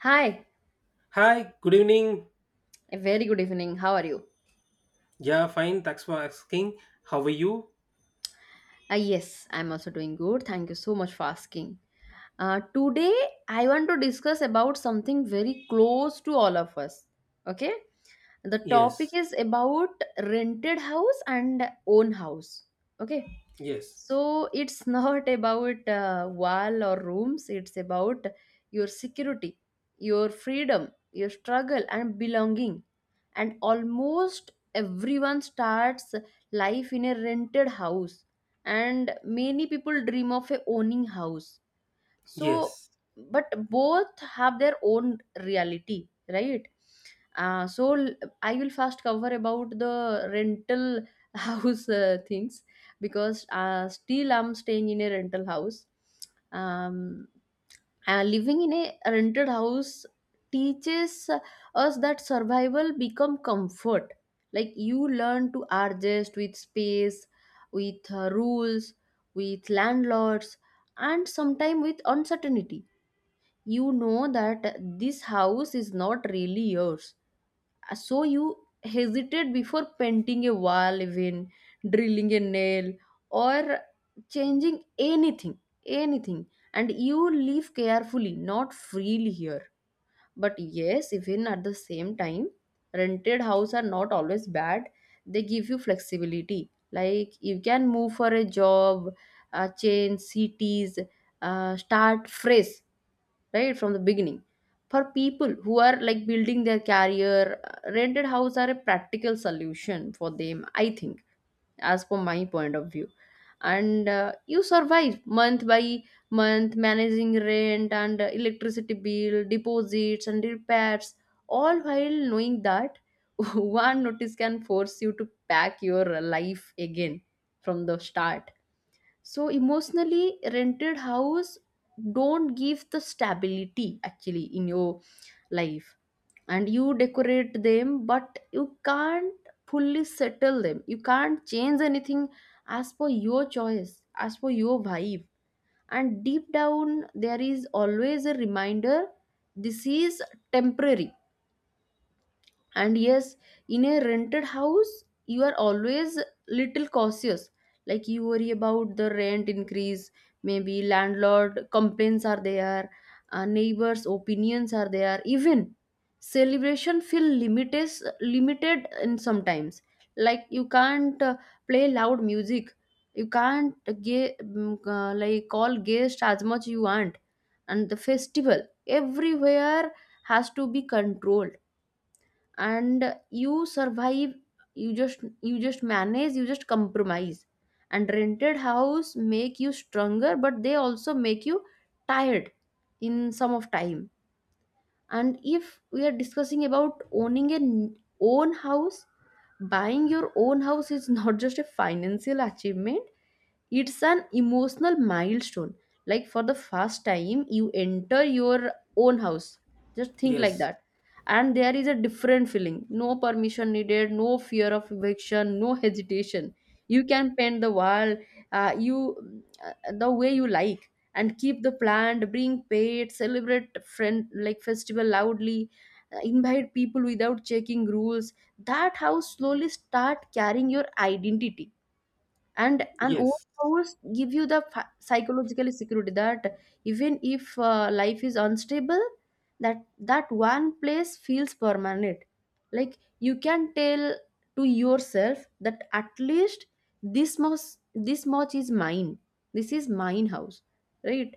Hi, Hi, good evening. a very good evening. How are you? Yeah, fine. Thanks for asking. How are you? Yes, I'm also doing good. Thank you so much for asking. Today, I want to discuss about something very close to all of us. Okay? The topic Yes, is about rented house and own house. Okay? yes, So it's not about wall or rooms, it's about your security, your freedom, your struggle, and belonging. And almost everyone starts life in a rented house, and many people dream of a owning house so yes, but both have their own reality, right? uh, so l- I will first cover about the rental house things because still I'm staying in a rental house. um, Living in a rented house teaches us that survival become comfort, like you learn to adjust with space, with rules, with landlords, and sometimes with uncertainty. You know that this house is not really yours. So you hesitate before painting a wall, even drilling a nail or changing anything anything. And you live carefully, not freely here. But yes, even at the same time, rented house are not always bad. They give you flexibility. Like you can move for a job, change cities, start fresh, right from the beginning. For people who are like building their career, rented house are a practical solution for them, I think, as per my point of view. And you survive month by month managing rent and electricity bill deposits and repairs, all while knowing that one notice can force you to pack your life again from the start. So emotionally, rented house don't give the stability actually in your life. And you decorate them, but you can't fully settle them, you can't change anything as per your choice, as per your vibe. And deep down there is always a reminder: this is temporary. And yes, in a rented house you are always little cautious. Like you worry about the rent increase, maybe landlord complaints are there, neighbors opinions are there, even celebration feel limited, limited in sometimes. Like you can't play loud music, you can't like call guests as much you want, and the festival everywhere has to be controlled. And you survive, you just manage, you just compromise. And rented house make you stronger, but they also make you tired in some of time. And if we are discussing about owning an own house, buying your own house is not just a financial achievement, it's an emotional milestone. Like for the first time you enter your own house, just think like yes, that. And there is a different feeling: no permission needed, no fear of eviction, no hesitation. You can paint the wall, you the way you like, and keep the plant, bring pets, celebrate friend like festival loudly, invite people without checking rules. That house slowly start carrying your identity. And an old yes, house give you the psychological security that even if life is unstable, that one place feels permanent. Like you can tell to yourself that at least this much, this much is mine, this is mine house, right?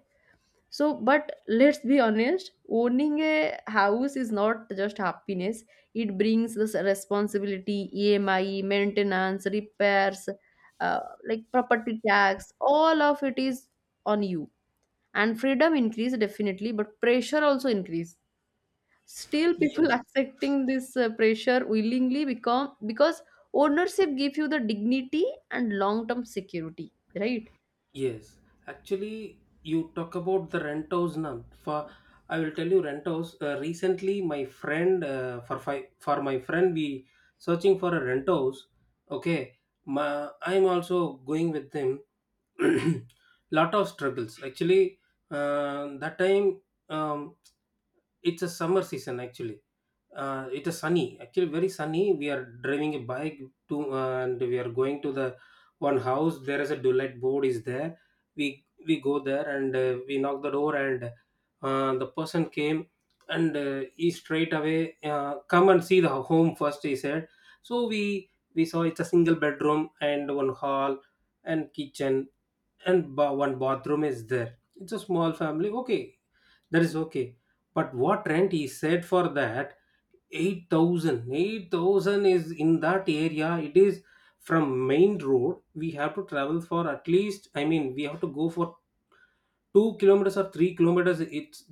So, but let's be honest, owning a house is not just happiness. It brings this responsibility, EMI, maintenance, repairs, uh, like property tax, all of it is on you. And freedom increase definitely, but pressure also increase. Still, people yes, accepting this pressure willingly become because ownership give you the dignity and long term security, right? yes. Actually, you talk about the rent house now. For I will tell you rent house. Recently, my friend for my friend we searching for a rent house. Okay, I'm also going with him. Lot of struggles actually. That time, um, it's a summer season actually. It is sunny, actually very sunny. We are driving a bike and we are going to the one house. There is a daylight board is there. We go there and we knock the door, and the person came, and he straight away come and see the home first, he said. So we saw it's a single bedroom and one hall and kitchen and one bathroom is there. It's a small family. Okay, that is okay. But what rent he said for that? 8,000, 8,000 is in that area. It is from main road we have to travel for at least, I mean we have to go for 2 kilometers or 3 kilometers. It's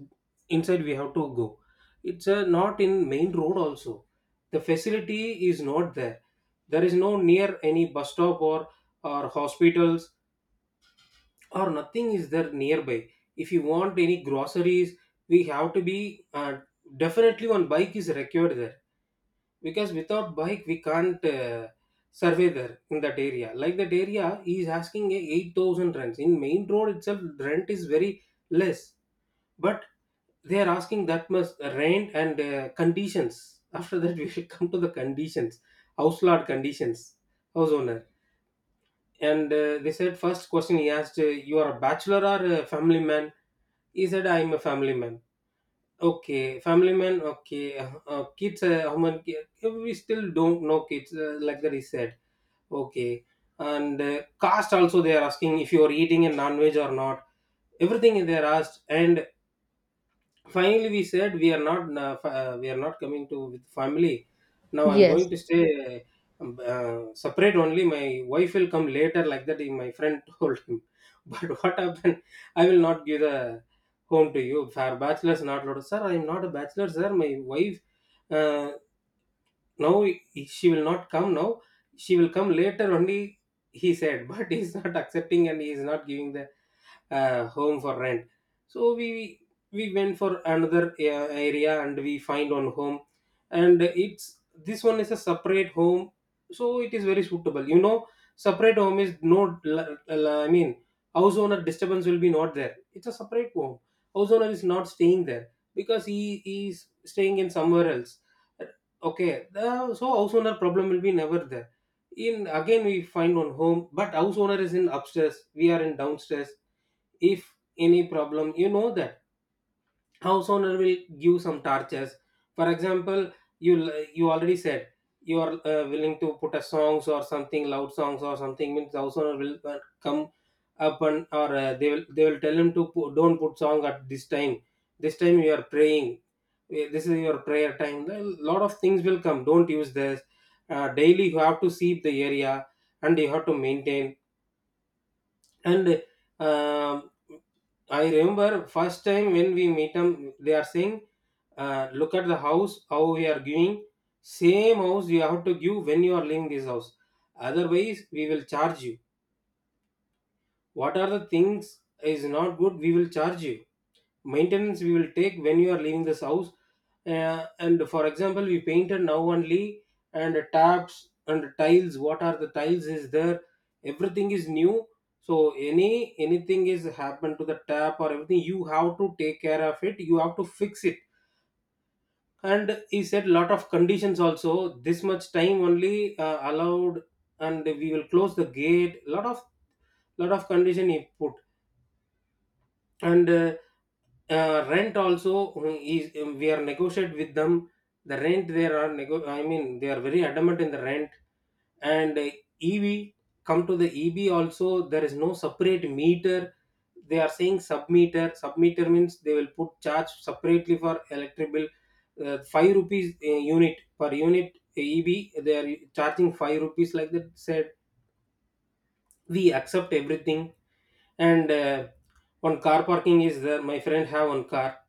inside we have to go. It's not in main road also. The facility is not there. There is no near any bus stop or hospitals, or nothing is there nearby. If you want any groceries, we have to be, definitely one bike is required there, because without bike we can't survey there in that area. Like that area, he is asking a 8,000 rents. In main road itself, rent is very less, but they are asking that much rent. And conditions, after that we should come to the conditions, house lord conditions, house owner. And they said, first question he asked, you are a bachelor or a family man? He said, I am a family man. Okay, family man. Okay, kids. How many? We still don't know kids. Like that, he said. Okay, and caste also they are asking, if you are eating a non-veg or not. Everything they are asked. And finally, we said we are not, we are not coming to with family. Now I'm Yes, going to stay separate only. My wife will come later, like that. My friend told him. But what happened? I will not give the home to you. For bachelors, not allowed. Sir, I am not a bachelor, sir. My wife, uh, now she will not come now. She will come later only, he said. But he's not accepting, and he is not giving the home for rent. So we went for another area, and we find one home. And it's, this one is a separate home, so it is very suitable, you know, separate home is no I mean, house owner disturbance will be not there. It's a separate home. House owner is not staying there, because he is staying in somewhere else. Okay, so house owner problem will be never there. In Again we find one home, but house owner is in upstairs, we are in downstairs. If any problem, you know that house owner will give some torches. For example, you you already said you are willing to put a songs or something, loud songs or something, means house owner will come up. And or they will tell him to put, don't put song at this time. This time you are praying. This is your prayer time. A lot of things will come, don't use this. Daily you have to sweep the area, and you have to maintain. And um, I remember first time when we meet them, they are saying, look at the house how we are giving, same house you have to give when you are leaving this house, otherwise we will charge you. What are the things is not good, we will charge you. Maintenance we will take when you are leaving this house. And for example, we painted now only, and taps and tiles, what are the tiles is there, everything is new. So anything is happened to the tap or everything, you have to take care of it, you have to fix it. And he said lot of conditions also, this much time only allowed, and we will close the gate. Lot of, condition he put. And rent also is, we are negotiate with them. The rent, there are I mean, they are very adamant in the rent. And ev come to the eb also, there is no separate meter. They are saying Submeter means they will put charge separately for electric bill. 5 rupees, unit per unit eb they are charging 5 rupees, like that said. We accept everything. And one car parking is there, my friend have one car.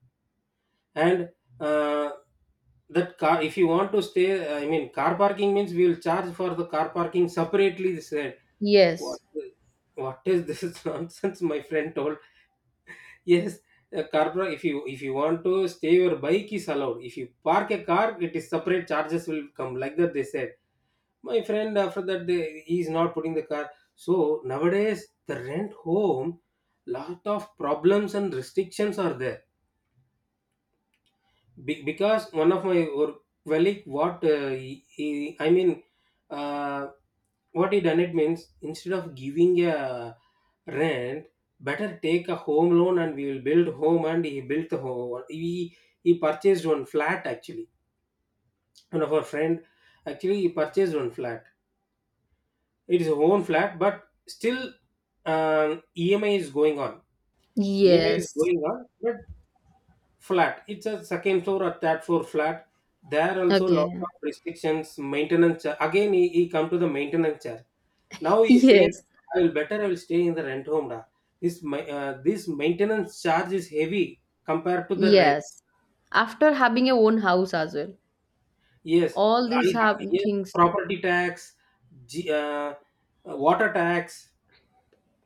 And uh, that car, if you want to stay, I mean car parking means, we will charge for the car parking separately, they said. What, yes, is this nonsense, my friend told. Yes, a carburetor. If you want to stay, your bike is allowed. If you park a car, it is separate charges will come. Like that, they said. My friend, after that, he is not putting the car. So nowadays, the rent home, lot of problems and restrictions are there. Because one of my work colleague, what I mean, uh, what he done, it means, instead of giving a rent, better take a home loan and we will build home. And he built the home. He purchased one flat actually. One of our friend, actually he purchased one flat. It is a own flat, but still, EMI is going on. EMI is yes. going on. But flat, it's a second floor or third floor flat, there also lot Okay. of restrictions, maintenance again, he come to the maintenance charge. Now he's saying, Yes, I will, better I will stay in the rent home, da. This this maintenance charge is heavy compared to the rent. yes. After having a own house as well, Yes. all I, these have yes, things. property tax, G, uh, water tax,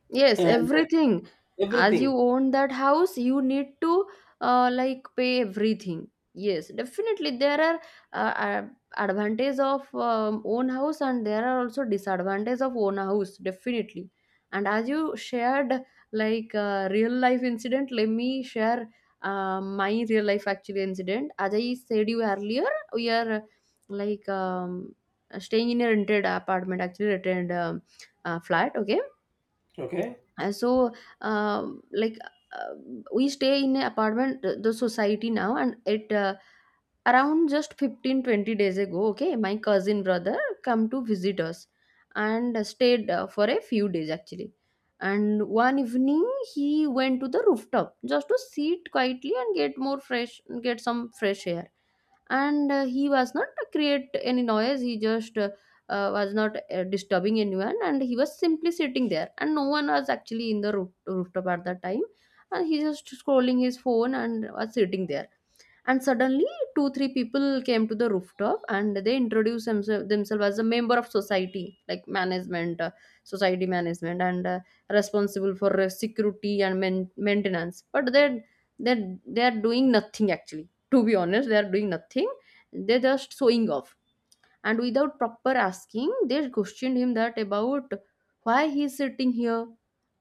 Yes, and everything. As you everything. own that house, you need to like pay everything. Yes, definitely there are advantage of own house and there are also disadvantage of own house definitely. And as you shared like real life incident, let me share my real life actually incident. As I said you earlier, we are like staying in a rented apartment, actually rented flat. Okay. Okay. So, um, like uh, we stay in an apartment, the society now, and it around just 15, 20 days ago, okay, my cousin brother come to visit us and stayed for a few days actually. And one evening he went to the rooftop just to sit quietly and get more fresh, get some fresh air. And he was not create any noise, he just was not disturbing anyone, and he was simply sitting there, and no one was actually in the roof, rooftop at that time. And he just scrolling his phone and was sitting there. And suddenly 2, 3 people came to the rooftop, and they introduced themselves as a member of society, like management, society management, and responsible for security and maintenance, but they they are doing nothing actually, to be honest, they are doing nothing, they're just showing off. And without proper asking, they questioned him that about why he is sitting here,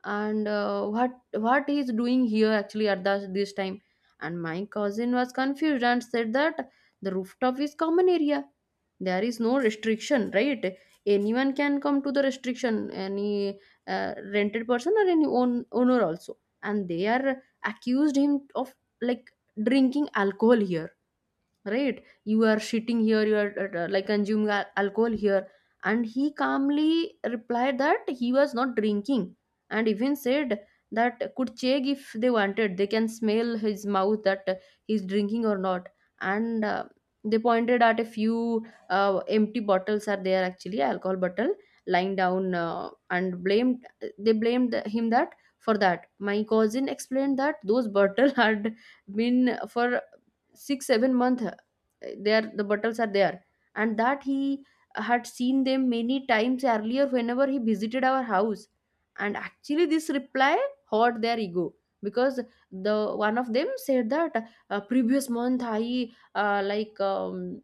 and what he is doing here actually at the, this time. And my cousin was confused and said that the rooftop is common area, there is no restriction, right? Anyone can come to the restriction, any rented person or any own, owner also. And they are accused him of like drinking alcohol here, right? You are shitting here, you are like consuming al- alcohol here. And he calmly replied that he was not drinking, and even said that could check if they wanted, they can smell his mouth that he's drinking or not. And they pointed at a few empty bottles are there, actually alcohol bottle lying down, and blamed, they blamed him that for that. My cousin explained that those bottles had been for 6, 7 month, they are the bottles are there, and that he had seen them many times earlier whenever he visited our house. And actually this reply hurt their ego, because the one of them said that previous month I uh, like um,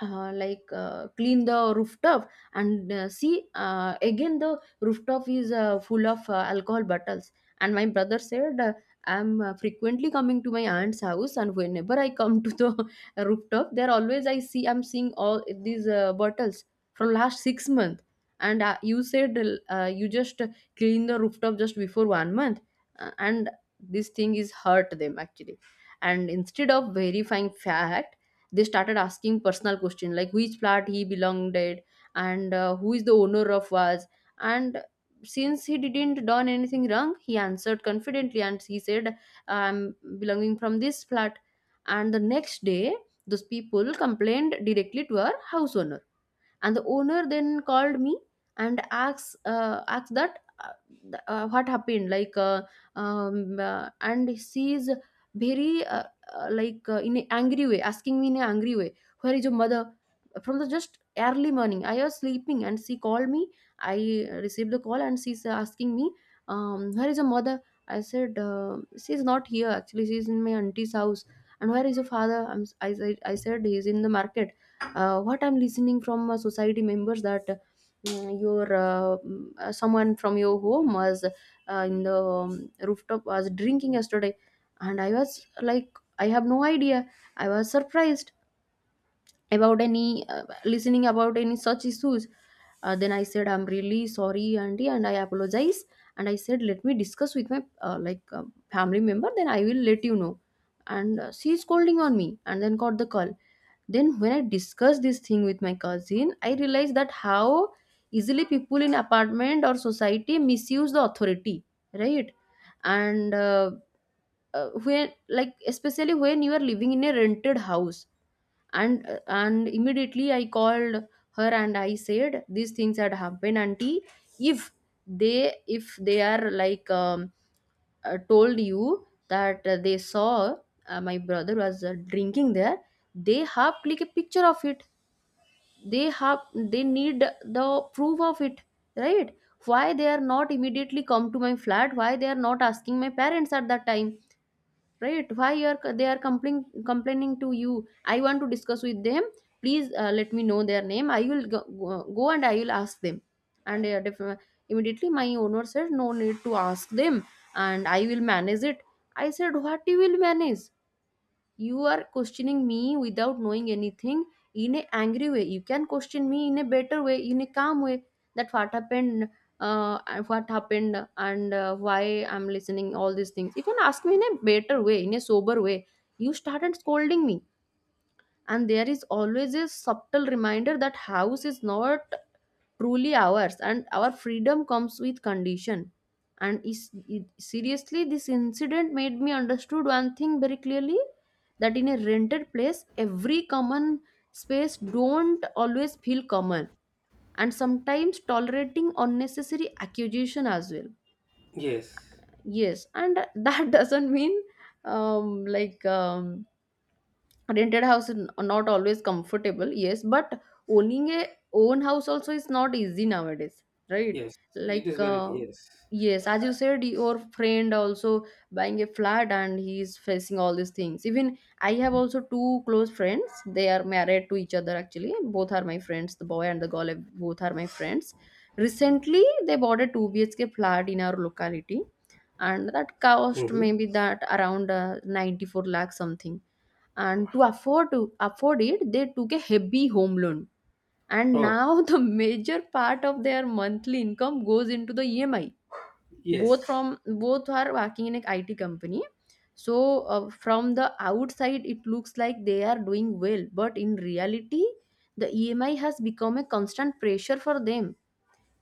clean the rooftop, and see again the rooftop is full of alcohol bottles. And my brother said, I'm frequently coming to my aunt's house, and whenever I come to the rooftop, there always I see, I'm seeing all these bottles from last 6 months. And you said you just clean the rooftop just before 1 month. And this thing is hurt them actually. And instead of verifying fact, they started asking personal questions, like which flat he belonged at, and who is the owner of was. And since he didn't done anything wrong, he answered confidently, and he said, I'm belonging from this flat. And the next day those people complained directly to our house owner, and the owner then called me and asked, asked that what happened, like, and she is very in an angry way, asking me in an angry way, where is your mother? From the just early morning I was sleeping and she called me. I received the call and she's asking me, where is your mother? I said, she's not here actually, she's in my auntie's house. And where is your father? I'm, s- I am I said he's in the market. What I'm listening from society members that your someone from your home was in the rooftop was drinking yesterday. And I was like, I have no idea, I was surprised about any listening about any such issues. Then I said, I'm really sorry auntie, and I apologize. And I said, let me discuss with my family member, then I will let you know. And she is scolding on me, and then got the call. Then when I discussed this thing with my cousin, I realized that how easily people in apartment or society misuse the authority, right? And When, like, especially when you are living in a rented house, and immediately I called her and I said, these things had happened, auntie. If they if they are like told you that they saw my brother was drinking there, they have click a picture of it, they need the proof of it, right? Why they are not immediately come to my flat? Why they are not asking my parents at that time? Right? why you are They are complaining, complaining to you. I want to discuss with them. Please, let me know their name. I will go and I will ask them. And immediately my owner said, no need to ask them, and I will manage it. I said, what you will manage? You are questioning me without knowing anything. In a angry way you can question me, in a better way, in a calm way, that what happened. And what happened, and why I'm listening all these things? You can ask me in a better way, in a sober way. You started scolding me. And there is always a subtle reminder that house is not truly ours, and our freedom comes with condition. And is it, seriously, this incident made me understood one thing very clearly, that in a rented place every common space don't always feel common, and sometimes tolerating unnecessary accusation as well. Yes. Yes, and that doesn't mean um like um rented house is not always comfortable, yes, but owning a own house also is not easy nowadays, right? Yes, it like is very, uh, yes. yes, as you said, your friend also buying a flat and he is facing all these things. Even I have also two close friends, they are married to each other, actually both are my friends, the boy and the girl, both are my friends. Recently they bought a 2 BHK flat in our locality, and that cost Mhm. maybe that around 94 lakh something. And to afford it, they took a heavy home loan, and Oh, now the major part of their monthly income goes into the EMI. Yes. Both are working in an IT company. So from the outside it looks like they are doing well, but in reality the EMI has become a constant pressure for them.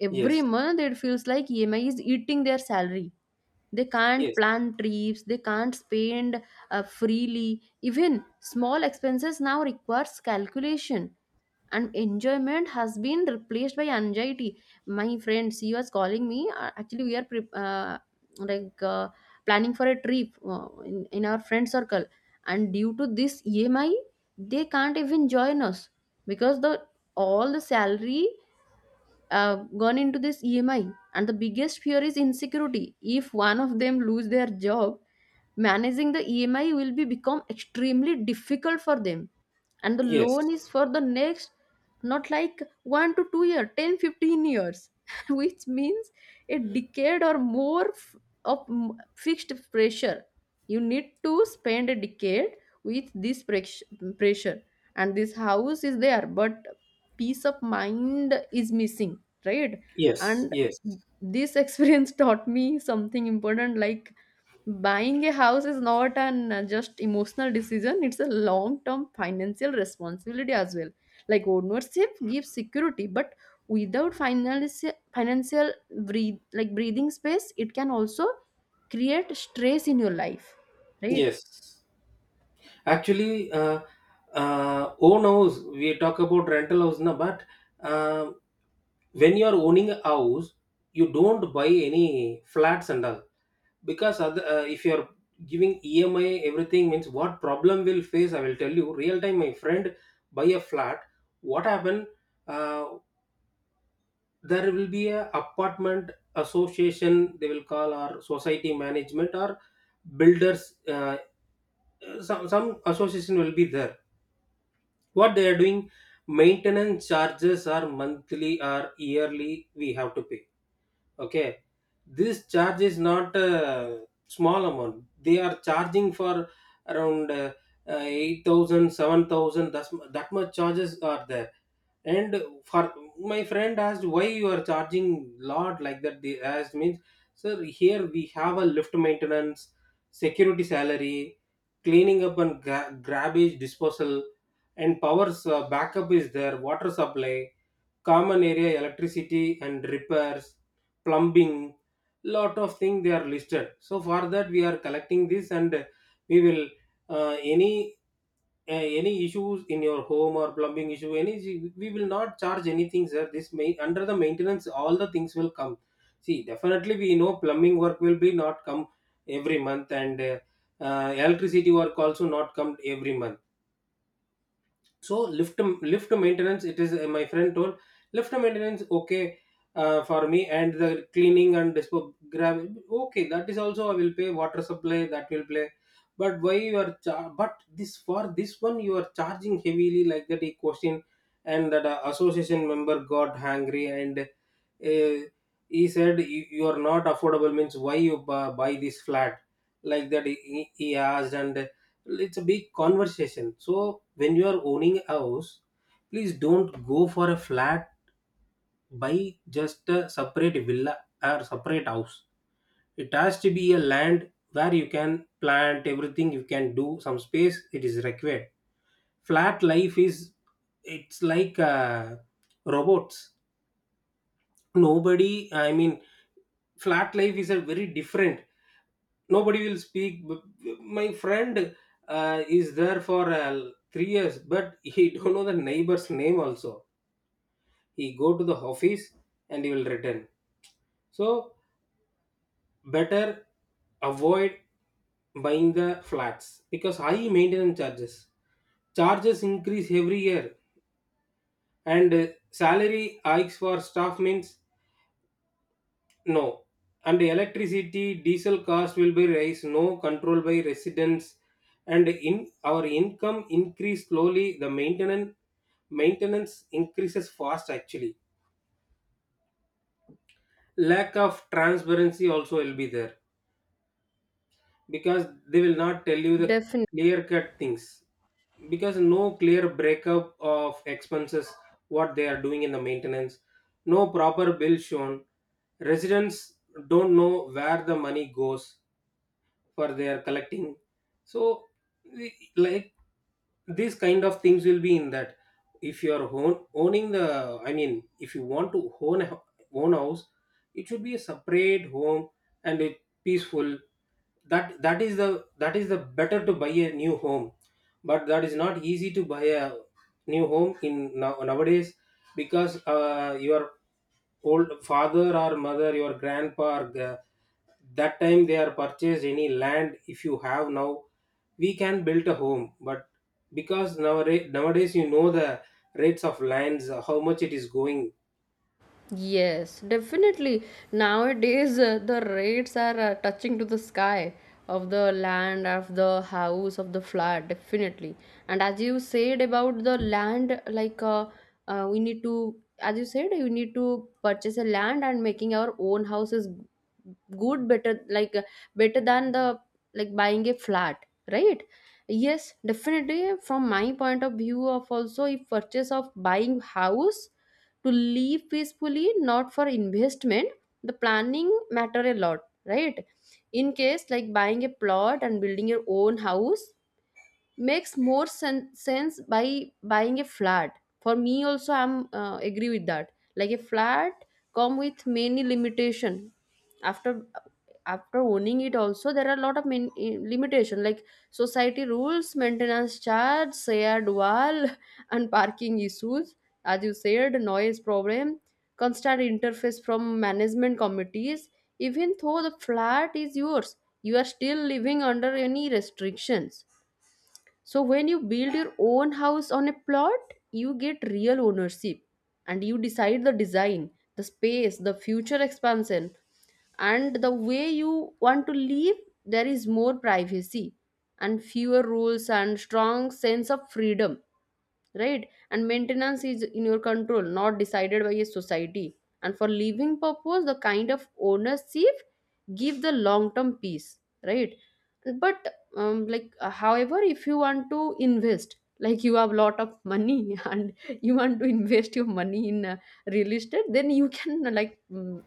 Every Yes, month it feels like EMI is eating their salary. They can't yes, plan trips, they can't spend freely. Even small expenses now requires calculation, and enjoyment has been replaced by anxiety. My friend, she was calling me. Actually we are like uh, planning for a trip in our friend circle, and due to this EMI they can't even join us, because the all the salary gone into this EMI. And the biggest fear is insecurity. If one of them lose their job, managing the EMI will be become extremely difficult for them, and the loan yes. is for the next, not like 1 to 2 year, 10, 15 years, which means a decade or more fixed pressure. You need to spend a decade with this pressure, and this house is there, but peace of mind is missing, right? Yes, And yes, this experience taught me something important, like buying a house is not an just emotional decision, it's a long term financial responsibility as well. Like ownership gives security, but without financial breathe like breathing space, it can also create stress in your life, right? yes. Actually, own house, we talk about rental house now, but uh, when you are owning a house, you don't buy any flats and all. Because other, if you are giving EMI, everything means, what problem will face, I will tell you. Real time, my friend, buy a flat. What happen? Uh, there will be a apartment association. They will call our society management or builders, some association will be there. What they are doing, maintenance charges are monthly or yearly, we have to pay. Okay, this charge is not a small amount. They are charging for around 8,000. that's, that much charges are there. And for, my friend asked, why you are charging lot, like that they asked, means, sir, here we have a lift maintenance, security salary, cleaning up and garbage disposal, and power's backup is there, water supply, common area electricity and repairs, plumbing, lot of things they are listed. So for that, we are collecting this, and we will, uh, any any issues in your home, or plumbing issue, any, we will not charge anything, sir. This may under the maintenance, all the things will come. See, definitely we know plumbing work will be not come every month, and electricity work also not come every month. So lift, maintenance, it is, my friend told, lift maintenance okay, for me, and the cleaning and dispo grab, okay, that is also I will pay, water supply, that will play, but why you are but this for this one you are charging heavily, like that he question. And that association member got angry, and he said, you are not affordable, means why you buy this flat, like that he asked. And it's a big conversation. So when you are owning a house, please don't go for a flat. Buy just a separate villa, or separate house. It has to be a land, where you can plant everything, you can do some space, it is required. Flat life is, it's like robots, nobody, I mean, flat life is a very different, nobody will speak my friend is there for 3 years, but he don't know the neighbor's name also. He go to the office, and he will return. So better avoid buying the flats, because high maintenance charges, increase every year. And salary hikes for staff means, no. And electricity, diesel cost will be raised, no control by residents, and in our income increase slowly. The maintenance increases fast actually. Lack of transparency also will be there, because they will not tell you the clear cut things, because no clear breakup of expenses, what they are doing in the maintenance, no proper bill shown, residents don't know where the money goes, for their collecting. So like, these kind of things will be in that. If you are owning the, I mean, if you want to own a own house, it should be a separate home, and it peaceful. That is the better, to buy a new home. But that is not easy to buy a new home in nowadays, because your old father or mother, your grandpa or that time they are purchased any land, if you have now, we can build a home. But because nowadays, you know the rates of lands, how much it is going. Yes, definitely. Nowadays, the rates are touching to the sky of the land, of the house, of the flat, definitely. And as you said about the land, like we need to, as you said, you need to purchase a land and making our own house is good, better, better than the like buying a flat, right? Yes, definitely. From my point of view, of also if purchase of buying house to live peacefully, not for investment, the planning matter a lot, right? In case like buying a plot and building your own house makes more sense by buying a flat. For me also I'm agree with that. Like a flat come with many limitation. after After owning it also, there are a lot of limitation, like society rules, maintenance charge, shared wall, and parking issues, as you said, noise problem, constant interface from management committees. Even though the flat is yours, you are still living under any restrictions. So when you build your own house on a plot, you get real ownership, and you decide the design, the space, the future expansion, and the way you want to live. There is more privacy and fewer rules and strong sense of freedom, right? And maintenance is in your control, not decided by a society. And for living purpose, the kind of ownership give the long term peace, right? But however, if you want to invest, like you have a lot of money and you want to invest your money in real estate, then you can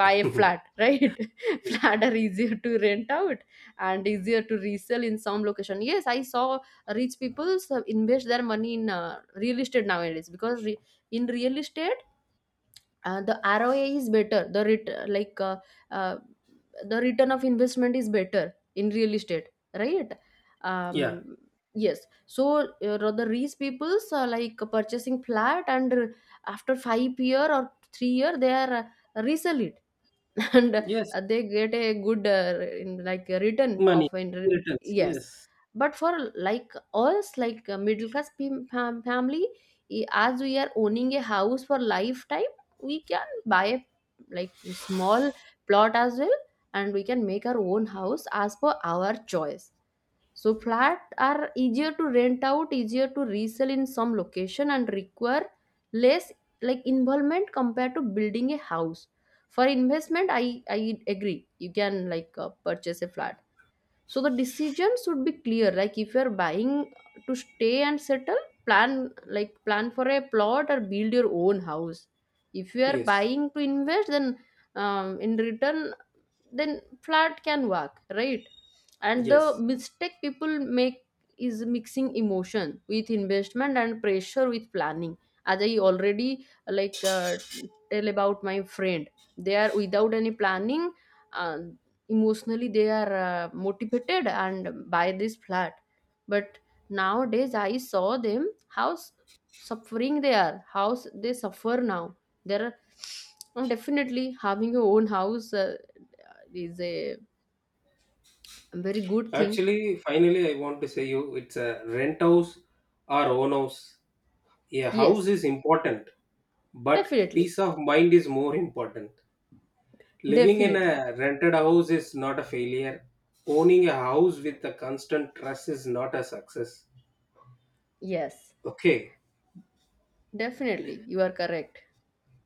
buy a flat, right? Flat are easier to rent out and easier to resell in some location. Yes, I saw rich people invest their money in real estate nowadays, because in real estate the ROI is better. The uh, the return of investment is better in real estate, right? Yeah. um yes. So the rich people's are like purchasing flat and after 5 year or 3-year they are resell it and Yes. They get a good in like a return Money. of in return. Returns, Yes. yes. But for, like, us, like middle class family, as we are owning a house for lifetime, we can buy a like small plot as well, and we can make our own house as per our choice. So flat are easier to rent out, easier to resell in some location, and require less like involvement compared to building a house. For investment, I agree, you can like purchase a flat. So the decision should be clear. Like if you're buying to stay and settle, plan, like, plan for a plot or build your own house. If you are Yes. buying to invest, then in return, then flat can work, right? And the Yes. mistake people make is mixing emotion with investment and pressure with planning. As I already, like tell about my friend, they are without any planning, uh, emotionally they are motivated and buy this flat. But nowadays I saw them, how suffering they are, how they suffer now, they are definitely having your own house is a very good thing. Actually finally, I want to say you, it's a rent house or own house, a house Yes, is important. But definitely. peace of mind is more important. Living in Definitely. a rented house is not a failure. Owning a house with a constant stress is not a success. Yes. Okay. Definitely, you are correct.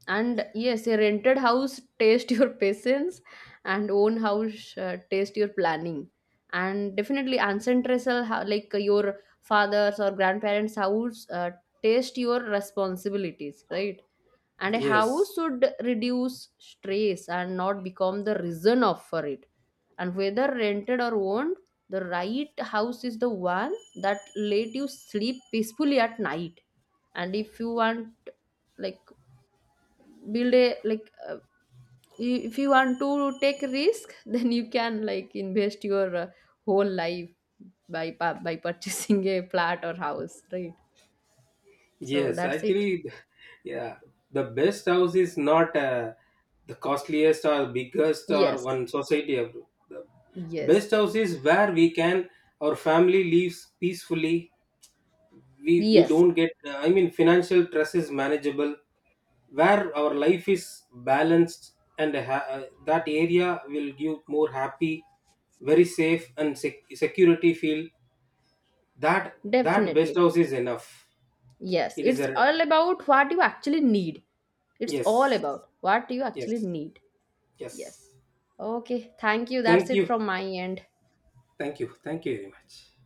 And yes, a rented house test your patience, and own house test your planning. And definitely, ancestral your father's or grandparents' house test your responsibilities, right? And a Yes. house should reduce stress and not become the reason of for it. And whether rented or owned, the right house is the one that let you sleep peacefully at night. And if you want, like, build a if you want to take risk, then you can like invest your whole life by purchasing a flat or house, right? So Yes. that's it. Actually, yeah. The best house is not the costliest or biggest or Yes, one society. The yes, best house is where we can, our family lives peacefully, we yes. don't get, I mean financial stress is manageable, where our life is balanced, and that area will give more happy, very safe and security feel. That that best Definitely. house is enough. Yes, It is it's a, all about what you actually need. It's all yes. about what you actually Yes. need. Yes. Yes. Okay, thank you, that's Thank it you. from my end. Thank you, thank you very much.